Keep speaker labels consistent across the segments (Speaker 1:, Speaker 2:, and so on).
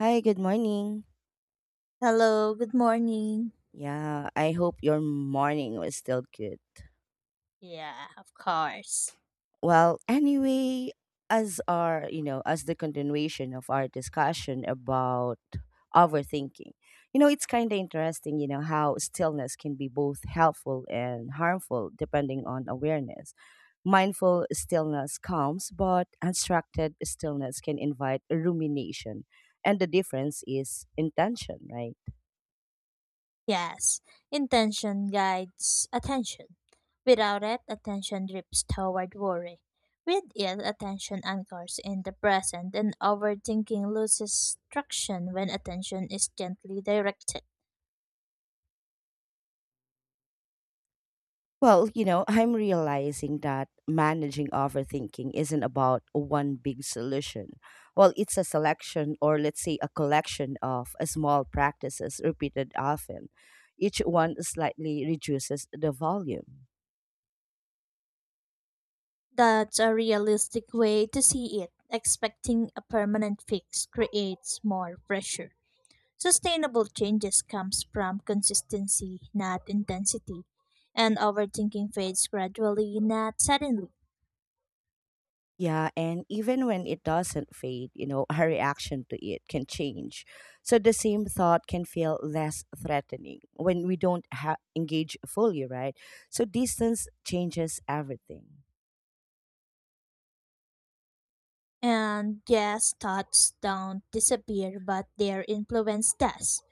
Speaker 1: Hi, good morning.
Speaker 2: Hello, good morning.
Speaker 1: Yeah, I hope your morning was still good.
Speaker 2: Yeah, of course.
Speaker 1: Well, anyway, as the continuation of our discussion about overthinking, it's kind of interesting, how stillness can be both helpful and harmful depending on awareness. Mindful stillness calms, but unstructured stillness can invite rumination. And the difference is intention, right?
Speaker 2: Yes, intention guides attention. Without it, attention drifts toward worry. With it, attention anchors in the present, and overthinking loses traction when attention is gently directed.
Speaker 1: Well, I'm realizing that managing overthinking isn't about one big solution. Well, it's a selection or let's say a collection of small practices repeated often. Each one slightly reduces the volume.
Speaker 2: That's a realistic way to see it. Expecting a permanent fix creates more pressure. Sustainable changes comes from consistency, not intensity, and overthinking fades gradually, not suddenly.
Speaker 1: Yeah, and even when it doesn't fade, her reaction to it can change. So the same thought can feel less threatening when we don't engage fully, right? So distance changes everything.
Speaker 2: And yes, thoughts don't disappear, but their influence does.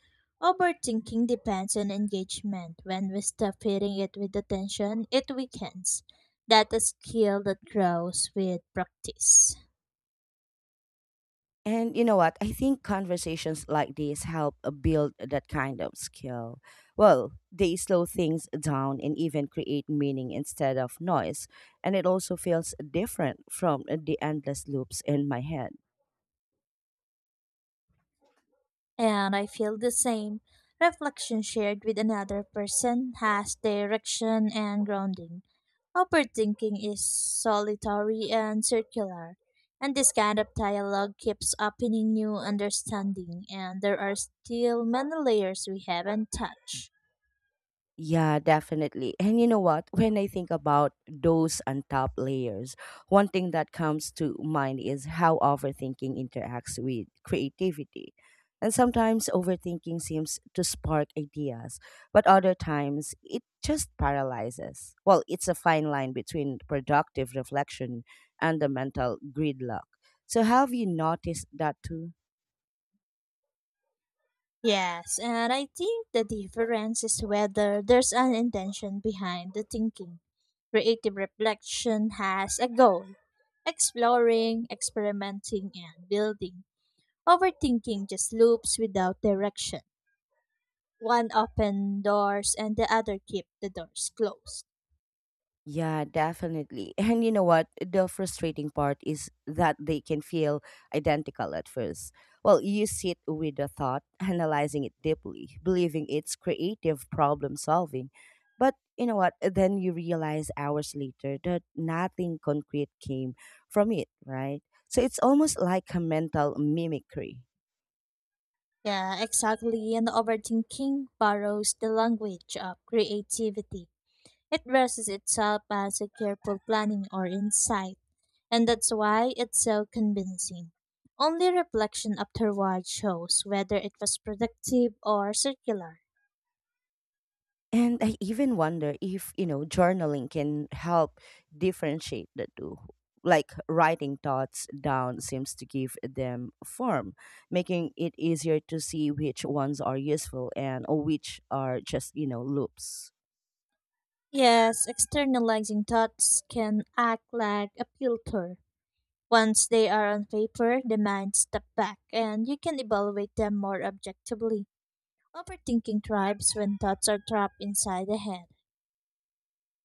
Speaker 2: Overthinking depends on engagement. When we stop hitting it with attention, it weakens. That is skill that grows with practice.
Speaker 1: And you know what? I think conversations like these help build that kind of skill. Well, they slow things down and even create meaning instead of noise. And it also feels different from the endless loops in my head.
Speaker 2: And I feel the same. Reflection shared with another person has direction and grounding. Overthinking is solitary and circular, and this kind of dialogue keeps opening new understanding, and there are still many layers we haven't touched.
Speaker 1: Yeah, definitely. And you know what? When I think about those untapped layers, one thing that comes to mind is how overthinking interacts with creativity. And sometimes overthinking seems to spark ideas, but other times it just paralyzes. Well, it's a fine line between productive reflection and the mental gridlock. So, have you noticed that too?
Speaker 2: Yes, and I think the difference is whether there's an intention behind the thinking. Creative reflection has a goal exploring, experimenting, and building. Overthinking just loops without direction. One open doors and the other keep the doors closed.
Speaker 1: Yeah, definitely. And you know what? The frustrating part is that they can feel identical at first. Well, you sit with the thought, analyzing it deeply, believing it's creative problem solving. But you know what? Then you realize hours later that nothing concrete came from it, right? So it's almost like a mental mimicry.
Speaker 2: Yeah, exactly. And overthinking borrows the language of creativity. It dresses itself as a careful planning or insight, and that's why it's so convincing. Only reflection afterward shows whether it was productive or circular.
Speaker 1: And I even wonder if, journaling can help differentiate the two. Like writing thoughts down seems to give them form, making it easier to see which ones are useful and which are just, loops.
Speaker 2: Yes, externalizing thoughts can act like a filter. Once they are on paper, the mind steps back and you can evaluate them more objectively. Overthinking thrives when thoughts are trapped inside the head.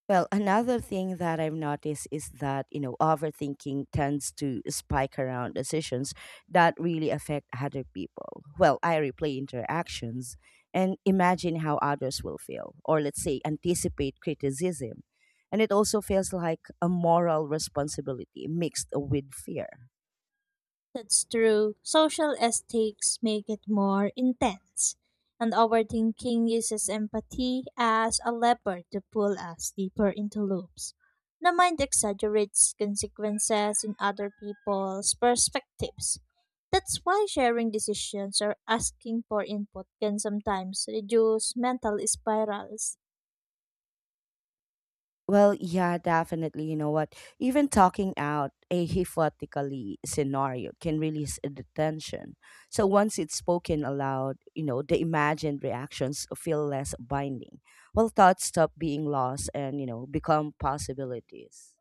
Speaker 1: Well, another thing that I've noticed is that, overthinking tends to spike around decisions that really affect other people. Well, I replay interactions and imagine how others will feel, or let's say anticipate criticism. And it also feels like a moral responsibility mixed with fear.
Speaker 2: That's true. Social aesthetics make it more intense, and overthinking uses empathy as a lever to pull us deeper into loops. The mind exaggerates consequences in other people's perspectives. That's why sharing decisions or asking for input can sometimes reduce mental spirals.
Speaker 1: Well, yeah, definitely. You know what? Even talking out a hypothetically scenario can release the tension. So once it's spoken aloud, the imagined reactions feel less binding. Well, thoughts stop being lost and, become possibilities.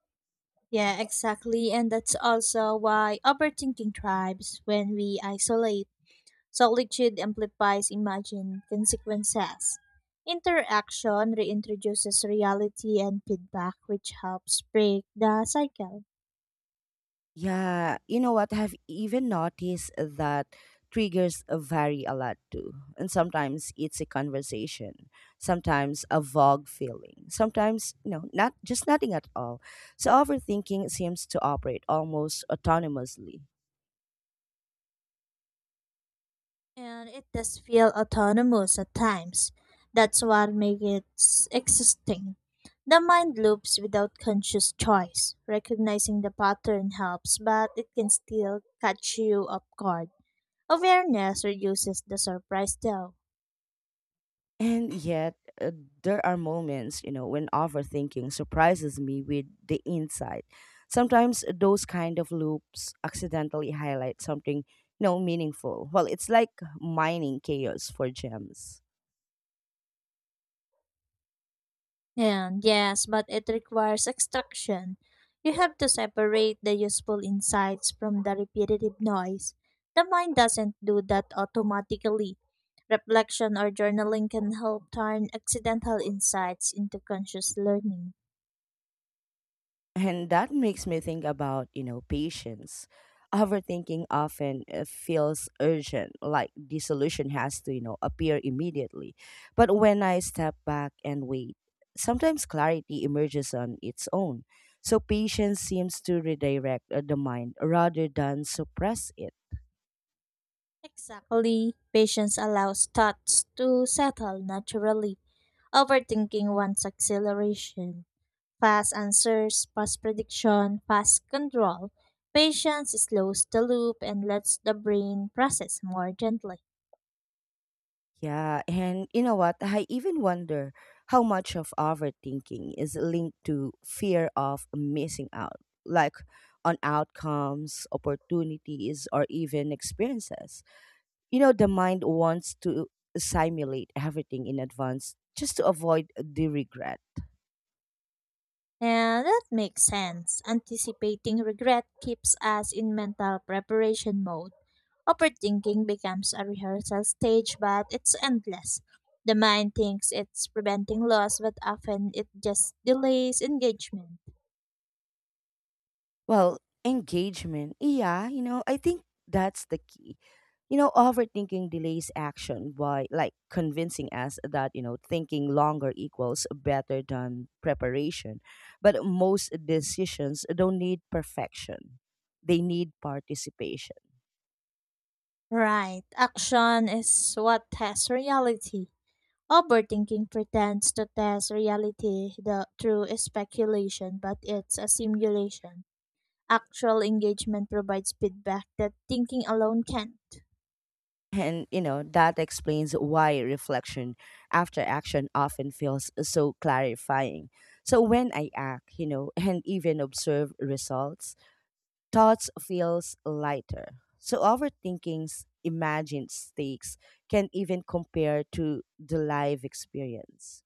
Speaker 2: Yeah, exactly. And that's also why overthinking thrives when we isolate. Solitude amplifies imagined consequences. Interaction reintroduces reality and feedback, which helps break the cycle.
Speaker 1: Yeah, you know what? I've even noticed that triggers vary a lot too. And sometimes it's a conversation, sometimes a vague feeling, sometimes, not just nothing at all. So overthinking seems to operate almost autonomously.
Speaker 2: And it does feel autonomous at times. That's what makes it existing. The mind loops without conscious choice. Recognizing the pattern helps, but it can still catch you off guard. Awareness reduces the surprise, though.
Speaker 1: And yet, uh, there are moments, when overthinking surprises me with the insight. Sometimes those kind of loops accidentally highlight something, meaningful. Well, it's like mining chaos for gems.
Speaker 2: And yes, but it requires extraction. You have to separate the useful insights from the repetitive noise. The mind doesn't do that automatically. Reflection or journaling can help turn accidental insights into conscious learning.
Speaker 1: And that makes me think about, patience. Overthinking often feels urgent, like the solution has to, appear immediately. But when I step back and wait, sometimes clarity emerges on its own. So patience seems to redirect the mind rather than suppress it.
Speaker 2: Exactly. Patience allows thoughts to settle naturally. Overthinking wants acceleration. Fast answers, fast prediction, fast control. Patience slows the loop and lets the brain process more gently.
Speaker 1: Yeah, and you know what? I even wonder how much of overthinking is linked to fear of missing out, like on outcomes, opportunities, or even experiences. You know, the mind wants to simulate everything in advance just to avoid the regret.
Speaker 2: And that makes sense. Anticipating regret keeps us in mental preparation mode. Overthinking becomes a rehearsal stage, but it's endless. The mind thinks it's preventing loss, but often it just delays engagement.
Speaker 1: Well, engagement. Yeah, I think that's the key. Overthinking delays action by like convincing us that thinking longer equals better than preparation. But most decisions don't need perfection. They need participation.
Speaker 2: Right. Action is what tests reality. Overthinking pretends to test reality through speculation, but it's a simulation. Actual engagement provides feedback that thinking alone can't.
Speaker 1: And that explains why reflection after action often feels so clarifying. So when I act, and even observe results, thoughts feels lighter. So overthinking's imagined stakes can even compare to the live experience.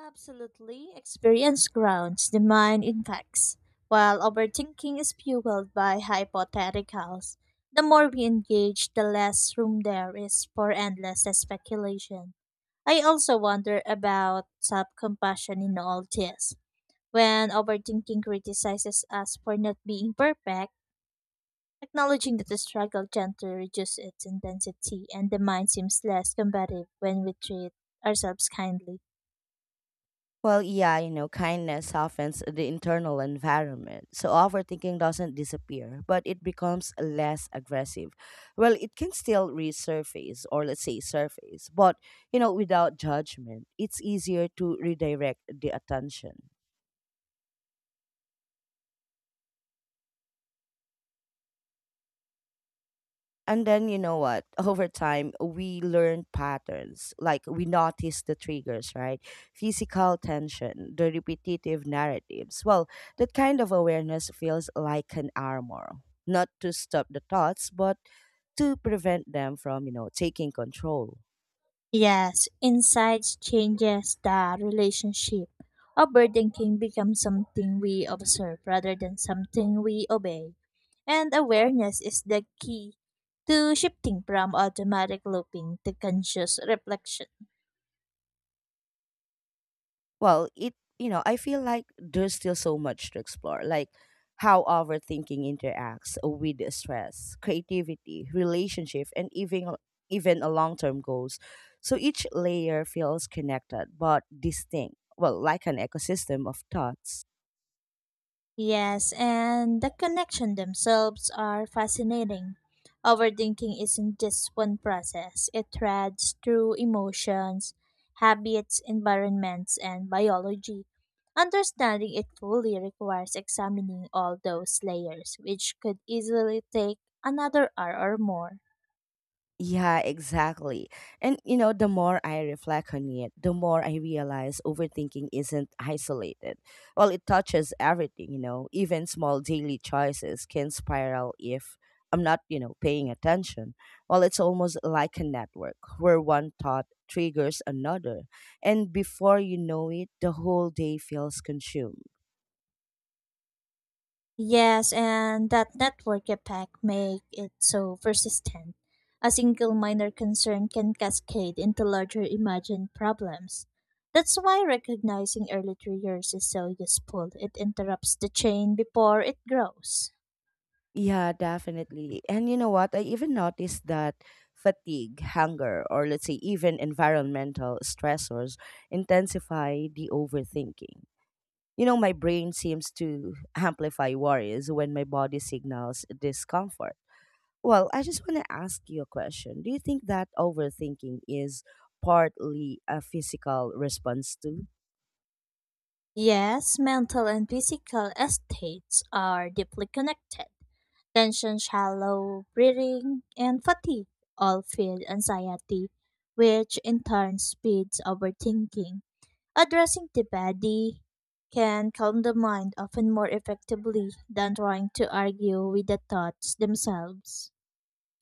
Speaker 2: Absolutely, experience grounds the mind in facts, while overthinking is fueled by hypotheticals. The more we engage, the less room there is for endless speculation. I also wonder about self compassion in all this. When overthinking criticizes us for not being perfect, acknowledging that the struggle gently reduces its intensity and the mind seems less combative when we treat ourselves kindly.
Speaker 1: Well, yeah, kindness softens the internal environment. So overthinking doesn't disappear, but it becomes less aggressive. Well, it can still resurface, or let's say surface, but, without judgment, it's easier to redirect the attention. And then you know what? Over time, we learn patterns. Like we notice the triggers, right? Physical tension, the repetitive narratives. Well, that kind of awareness feels like an armor, not to stop the thoughts, but to prevent them from, taking control.
Speaker 2: Yes, insights changes the relationship. Overthinking becomes something we observe rather than something we obey. And awareness is the key to shifting from automatic looping to conscious reflection.
Speaker 1: Well, it, I feel like there's still so much to explore, like how overthinking interacts with stress, creativity, relationship, and even a long-term goals. So each layer feels connected but distinct, well, like an ecosystem of thoughts.
Speaker 2: Yes, and the connection themselves are fascinating. Overthinking isn't just one process, it threads through emotions, habits, environments, and biology. Understanding it fully requires examining all those layers, which could easily take another hour or more.
Speaker 1: Yeah, exactly. And the more I reflect on it, the more I realize overthinking isn't isolated. Well, it touches everything, even small daily choices can spiral if I'm not, paying attention. Well, it's almost like a network where one thought triggers another. And before you know it, the whole day feels consumed.
Speaker 2: Yes, and that network effect make it so persistent. A single minor concern can cascade into larger imagined problems. That's why recognizing early triggers is so useful. It interrupts the chain before it grows.
Speaker 1: Yeah, definitely. And you know what? I even noticed that fatigue, hunger, or let's say even environmental stressors intensify the overthinking. My brain seems to amplify worries when my body signals discomfort. Well, I just want to ask you a question. Do you think that overthinking is partly a physical response too?
Speaker 2: Yes, mental and physical estates are deeply connected. Tension, shallow breathing, and fatigue all feed anxiety, which in turn speeds overthinking. Addressing the body can calm the mind often more effectively than trying to argue with the thoughts themselves.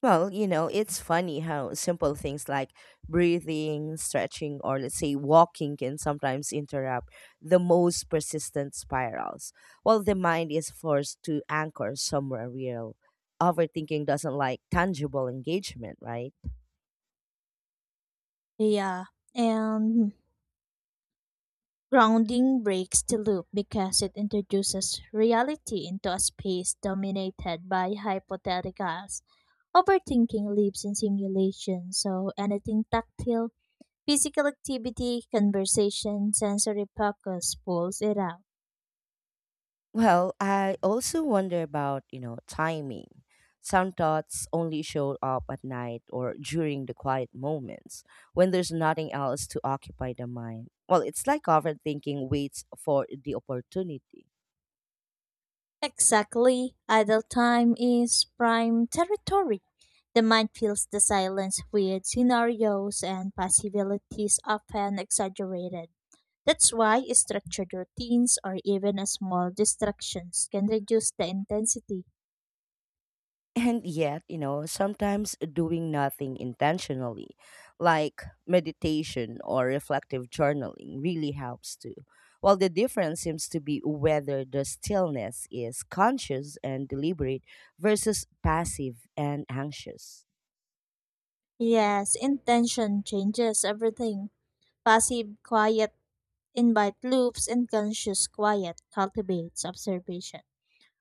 Speaker 1: Well, it's funny how simple things like breathing, stretching, or let's say walking can sometimes interrupt the most persistent spirals. While the mind is forced to anchor somewhere real, overthinking doesn't like tangible engagement, right?
Speaker 2: Yeah, and grounding breaks the loop because it introduces reality into a space dominated by hypotheticals. Overthinking lives in simulation, so anything tactile, physical activity, conversation, sensory focus pulls it out.
Speaker 1: Well, I also wonder about, timing. Some thoughts only show up at night or during the quiet moments when there's nothing else to occupy the mind. Well, it's like overthinking waits for the opportunity.
Speaker 2: Exactly. Idle time is prime territory. The mind fills the silence with scenarios and possibilities often exaggerated. That's why structured routines or even a small distractions can reduce the intensity.
Speaker 1: And yet, sometimes doing nothing intentionally, like meditation or reflective journaling, really helps too. Well, the difference seems to be whether the stillness is conscious and deliberate versus passive and anxious.
Speaker 2: Yes, intention changes everything. Passive quiet invite loops and conscious quiet cultivates observation.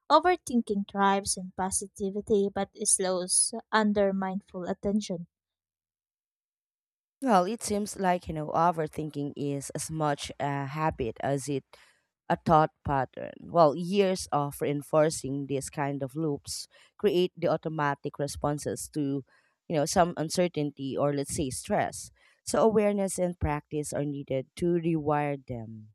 Speaker 2: Overthinking thrives in positivity but slows under mindful attention.
Speaker 1: Well, it seems like, overthinking is as much a habit as it a thought pattern. Well, years of reinforcing these kind of loops create the automatic responses to, some uncertainty or let's say stress. So awareness and practice are needed to rewire them.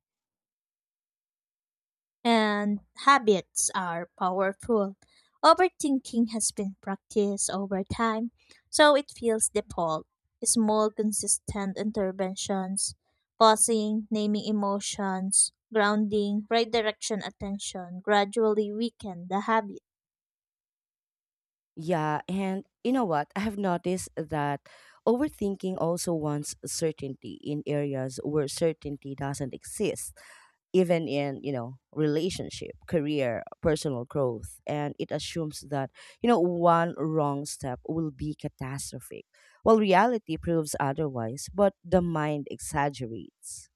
Speaker 2: And habits are powerful. Overthinking has been practiced over time, so it feels default. Small, consistent interventions, pausing, naming emotions, grounding, redirection attention gradually weaken the habit.
Speaker 1: Yeah, and you know what? I have noticed that overthinking also wants certainty in areas where certainty doesn't exist, even in relationship, career, personal growth. And it assumes that one wrong step will be catastrophic, while reality proves otherwise. But the mind exaggerates.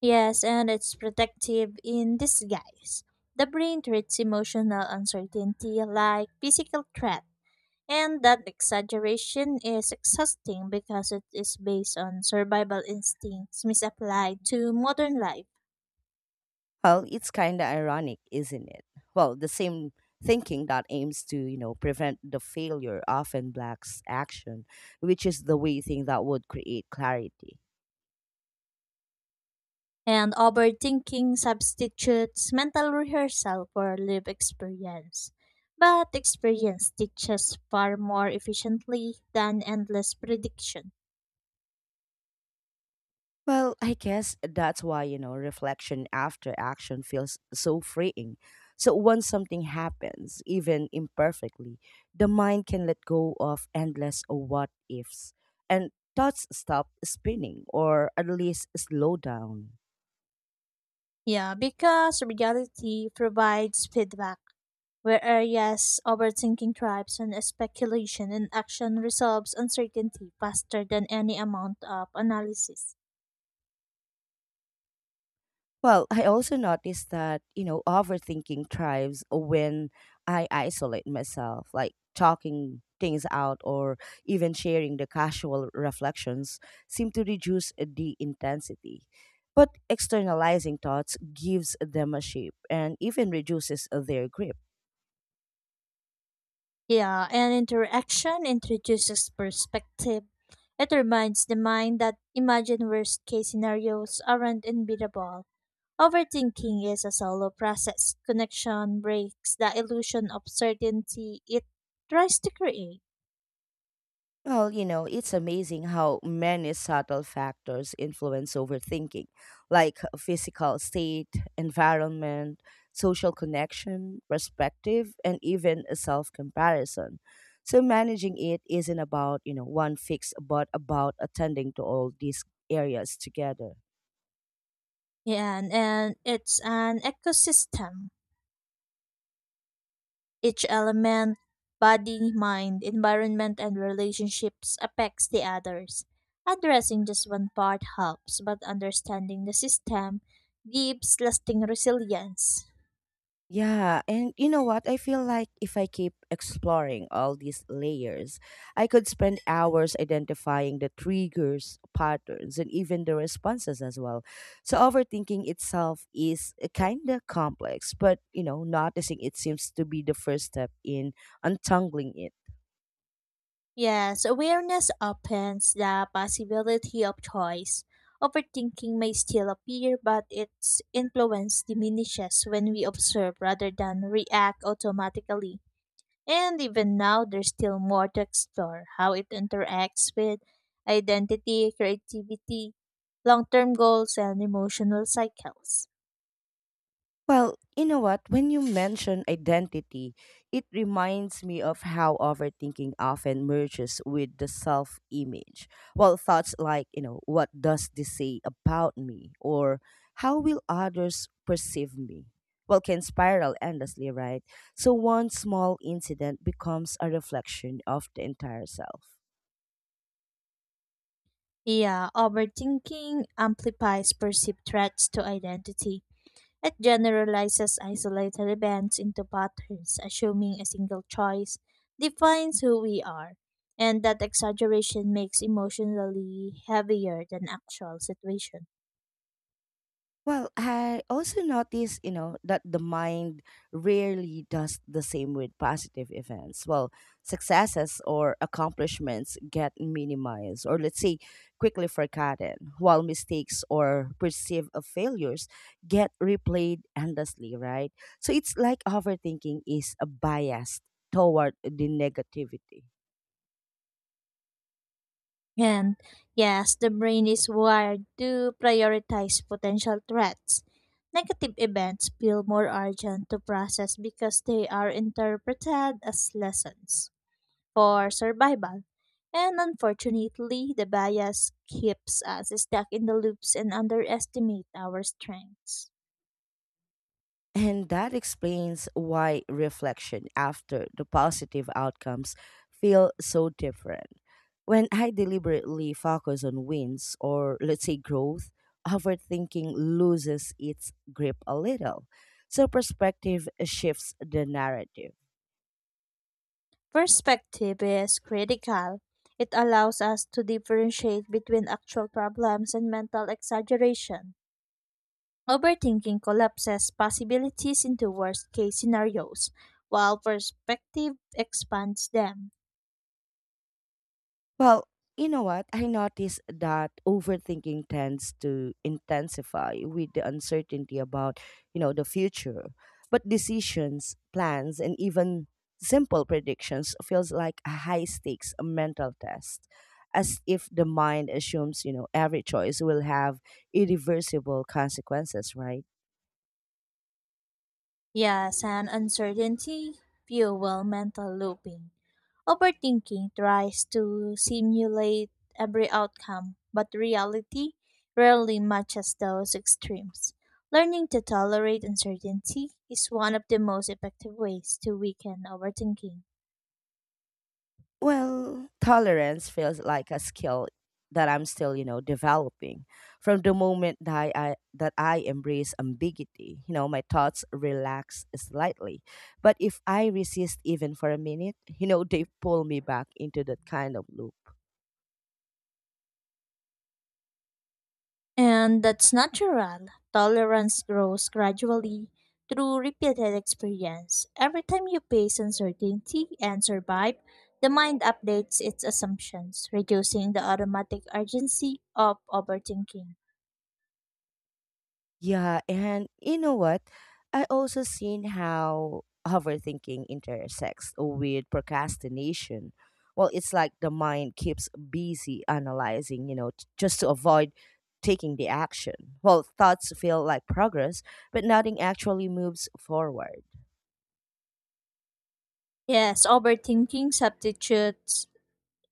Speaker 2: Yes, and it's protective in disguise. The brain treats emotional uncertainty like physical threat, and that exaggeration is exhausting because it is based on survival instincts misapplied to modern life.
Speaker 1: Well, it's kind of ironic, isn't it? Well, the same thinking that aims to prevent the failure often blacks action, which is the way thing that would create clarity.
Speaker 2: And overthinking substitutes mental rehearsal for lived experience. But experience teaches far more efficiently than endless prediction.
Speaker 1: Well, I guess that's why, reflection after action feels so freeing. So once something happens, even imperfectly, the mind can let go of endless what ifs, and thoughts stop spinning, or at least slow down.
Speaker 2: Yeah, because reality provides feedback. Where areas overthinking thrives on speculation and action resolves uncertainty faster than any amount of analysis.
Speaker 1: Well, I also noticed that, overthinking thrives when I isolate myself, like talking things out or even sharing the casual reflections seem to reduce the intensity. But externalizing thoughts gives them a shape and even reduces their grip.
Speaker 2: Yeah, and interaction introduces perspective. It reminds the mind that imagine worst case scenarios aren't unbeatable. Overthinking is a solo process. Connection breaks the illusion of certainty it tries to create.
Speaker 1: Well, it's amazing how many subtle factors influence overthinking, like physical state, environment, social connection, perspective, and even self comparison. So, managing it isn't about, one fix, but about attending to all these areas together.
Speaker 2: Yeah, and it's an ecosystem. Each element, body, mind, environment, and relationships affects the others. Addressing just one part helps, but understanding the system gives lasting resilience.
Speaker 1: Yeah, and you know what? I feel like if I keep exploring all these layers, I could spend hours identifying the triggers, patterns, and even the responses as well. So overthinking itself is kind of complex, but noticing it seems to be the first step in untangling it.
Speaker 2: Yes, awareness opens the possibility of choice. Overthinking may still appear, but its influence diminishes when we observe rather than react automatically. And even now, there's still more to explore how it interacts with identity, creativity, long term goals, and emotional cycles.
Speaker 1: Well, you know what? When you mention identity, it reminds me of how overthinking often merges with the self image. Well, thoughts like, what does this say about me? Or how will others perceive me? Well, can spiral endlessly, right? So one small incident becomes a reflection of the entire self.
Speaker 2: Yeah, overthinking amplifies perceived threats to identity. It generalizes isolated events into patterns, assuming a single choice defines who we are. And that exaggeration makes emotionally heavier than actual situation.
Speaker 1: Well, I also noticed, that the mind rarely does the same with positive events. Well, successes or accomplishments get minimized or let's say quickly forgotten, while mistakes or perceived of failures get replayed endlessly, right? So it's like overthinking is a bias toward the negativity.
Speaker 2: And yes, the brain is wired to prioritize potential threats. Negative events feel more urgent to process because they are interpreted as lessons for survival. And unfortunately, the bias keeps us stuck in the loops and underestimate our strengths.
Speaker 1: And that explains why reflection after the positive outcomes feel so different. When I deliberately focus on wins or let's say growth, overthinking loses its grip a little. So perspective shifts the narrative.
Speaker 2: Perspective is critical. It allows us to differentiate between actual problems and mental exaggeration. Overthinking collapses possibilities into worst case scenarios, while perspective expands them.
Speaker 1: Well, you know what? I noticed that overthinking tends to intensify with the uncertainty about, the future. But decisions, plans, and even simple predictions feels like a high stakes a mental test, as if the mind assumes, every choice will have irreversible consequences, right?
Speaker 2: Yes, and uncertainty fuel mental looping. Overthinking tries to simulate every outcome, but reality rarely matches those extremes. Learning to tolerate uncertainty is one of the most effective ways to weaken overthinking.
Speaker 1: Well, tolerance feels like a skill that I'm still, developing. From the moment that I embrace ambiguity, my thoughts relax slightly. But if I resist even for a minute, they pull me back into that kind of loop.
Speaker 2: And that's natural. Tolerance grows gradually through repeated experience. Every time you face uncertainty and survive, the mind updates its assumptions, reducing the automatic urgency of overthinking.
Speaker 1: Yeah, and you know what? I also seen how overthinking intersects with procrastination. Well, it's like the mind keeps busy analyzing, just to avoid taking the action. Well, thoughts feel like progress, but nothing actually moves forward.
Speaker 2: Yes, overthinking substitutes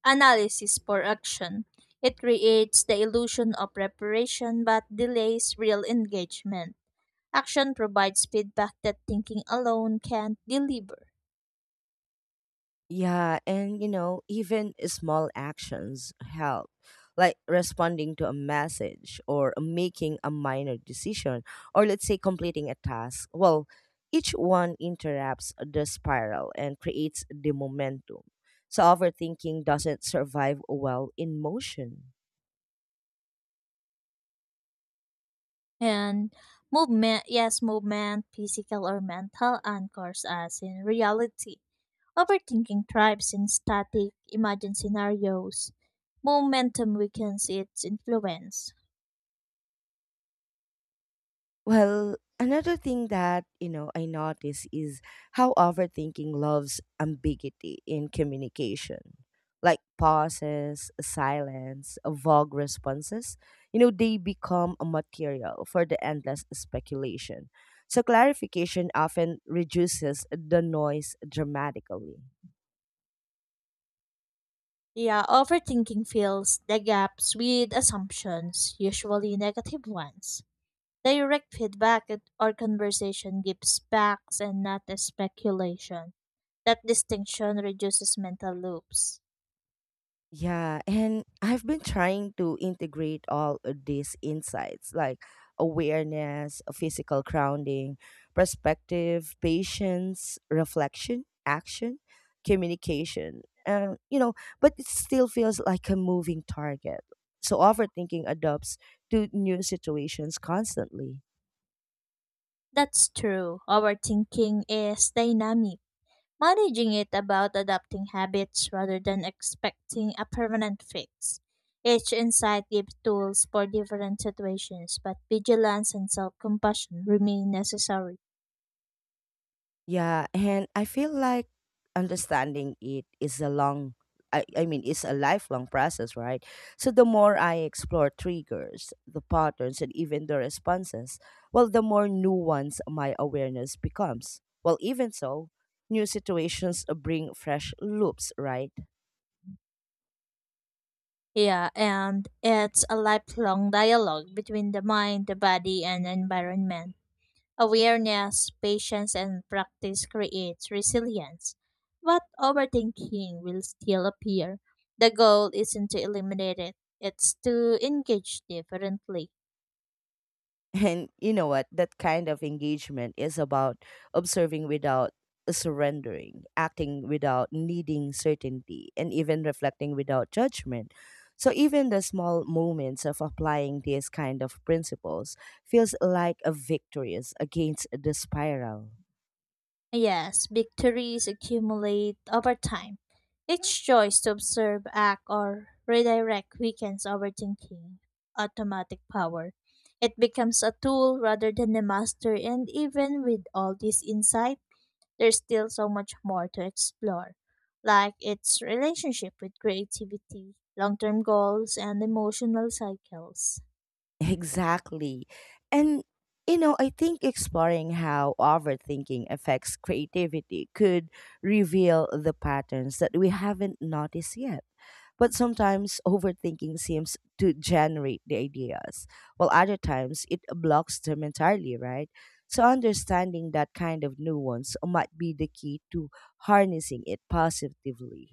Speaker 2: analysis for action. It creates the illusion of preparation but delays real engagement. Action provides feedback that thinking alone can't deliver.
Speaker 1: Yeah, and even small actions help, like responding to a message or making a minor decision, or let's say completing a task. Well, each one interrupts the spiral and creates the momentum. So, overthinking doesn't survive well in motion.
Speaker 2: And movement, yes, movement, physical or mental anchors us in reality. Overthinking thrives in static, imagined scenarios. Momentum weakens its influence.
Speaker 1: Well, another thing that, I notice is how overthinking loves ambiguity in communication. Like pauses, silence, vague responses, they become a material for the endless speculation. So clarification often reduces the noise dramatically.
Speaker 2: Yeah, overthinking fills the gaps with assumptions, usually negative ones. Direct feedback at- or conversation gives facts and not a speculation. That distinction reduces mental loops.
Speaker 1: Yeah, and I've been trying to integrate all of these insights, like awareness, physical grounding, perspective, patience, reflection, action, communication. But it still feels like a moving target. So overthinking adapts to new situations constantly.
Speaker 2: That's true. Our thinking is dynamic, managing it about adapting habits rather than expecting a permanent fix. Each insight gives tools for different situations, but vigilance and self compassion remain necessary.
Speaker 1: Yeah, and I feel like understanding it is I mean it's a lifelong process, right? So the more I explore triggers, the patterns and even the responses, well, the more nuanced my awareness becomes. Well, even so, new situations bring fresh loops, right?
Speaker 2: Yeah, and it's a lifelong dialogue between the mind, the body, and environment. Awareness, patience, and practice creates resilience. But overthinking will still appear. The goal isn't to eliminate it, it's to engage differently.
Speaker 1: And you know what? That kind of engagement is about observing without surrendering, acting without needing certainty, and even reflecting without judgment. So even the small moments of applying these kind of principles feels like a victorious against the spiral.
Speaker 2: Yes, victories accumulate over time. Each choice to observe, act, or redirect weakens overthinking automatic power. It becomes a tool rather than a master, and even with all this insight, there's still so much more to explore, like its relationship with creativity, long term goals, and emotional cycles.
Speaker 1: Exactly. And I think exploring how overthinking affects creativity could reveal the patterns that we haven't noticed yet. But sometimes overthinking seems to generate the ideas, while other times it blocks them entirely, right? So understanding that kind of nuance might be the key to harnessing it positively.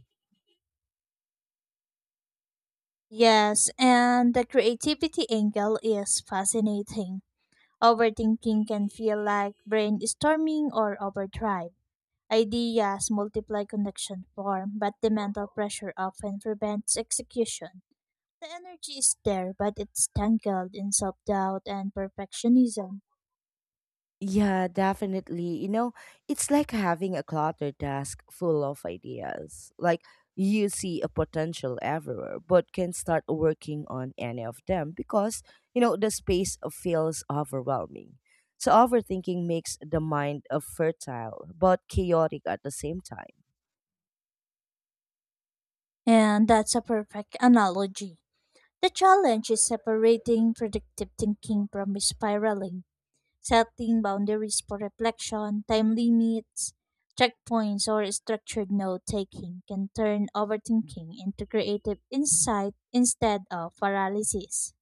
Speaker 2: Yes, and the creativity angle is fascinating. Overthinking can feel like brainstorming or overdrive. Ideas multiply connection form, but the mental pressure often prevents execution. The energy is there, but it's tangled in self doubt and perfectionism.
Speaker 1: Yeah, definitely. It's like having a cluttered desk full of ideas. Like you see a potential everywhere, but can start working on any of them because, the space feels overwhelming. So overthinking makes the mind fertile but chaotic at the same time.
Speaker 2: And that's a perfect analogy. The challenge is separating predictive thinking from spiraling, setting boundaries for reflection, time limits, checkpoints, or structured note taking can turn overthinking into creative insight instead of paralysis.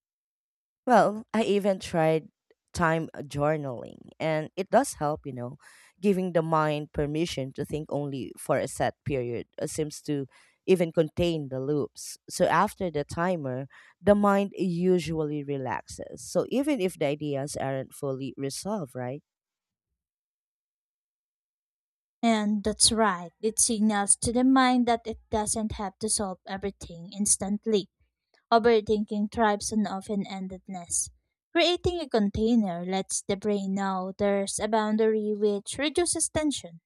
Speaker 1: Well, I even tried time journaling, and it does help. Giving the mind permission to think only for a set period seems to even contain the loops. So after the timer, the mind usually relaxes. So even if the ideas aren't fully resolved, right?
Speaker 2: And that's right, it signals to the mind that it doesn't have to solve everything instantly. Overthinking thrives on often endedness. Creating a container lets the brain know there's a boundary which reduces tension.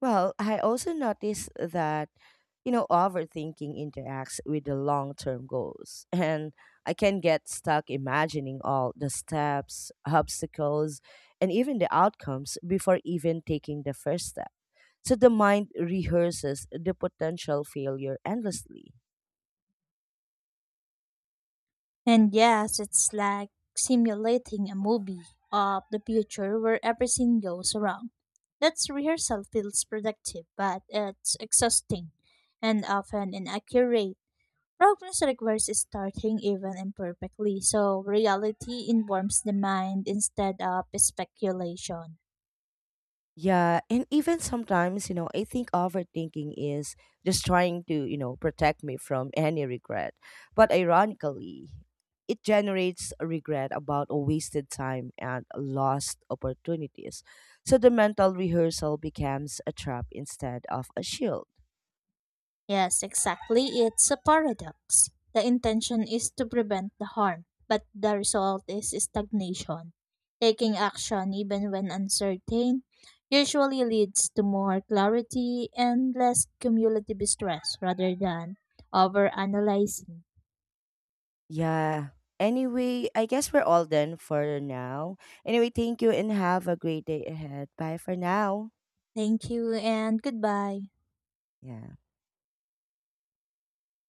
Speaker 1: Well, I also noticed that, overthinking interacts with the long term goals. And I can get stuck imagining all the steps, obstacles, and even the outcomes before even taking the first step. So the mind rehearses the potential failure endlessly.
Speaker 2: And yes, it's like simulating a movie of the future where everything goes wrong. That's rehearsal feels productive, but it's exhausting and often inaccurate. Progress requires starting even imperfectly, so reality informs the mind instead of speculation.
Speaker 1: Yeah, and even sometimes, I think overthinking is just trying to, protect me from any regret. But ironically, it generates a regret about a wasted time and lost opportunities. So the mental rehearsal becomes a trap instead of a shield.
Speaker 2: Yes, exactly. It's a paradox. The intention is to prevent the harm, but the result is stagnation. Taking action, even when uncertain, usually leads to more clarity and less cumulative stress rather than overanalyzing.
Speaker 1: Yeah. Anyway, I guess we're all done for now. Anyway, thank you and have a great day ahead. Bye for now.
Speaker 2: Thank you and goodbye.
Speaker 1: Yeah.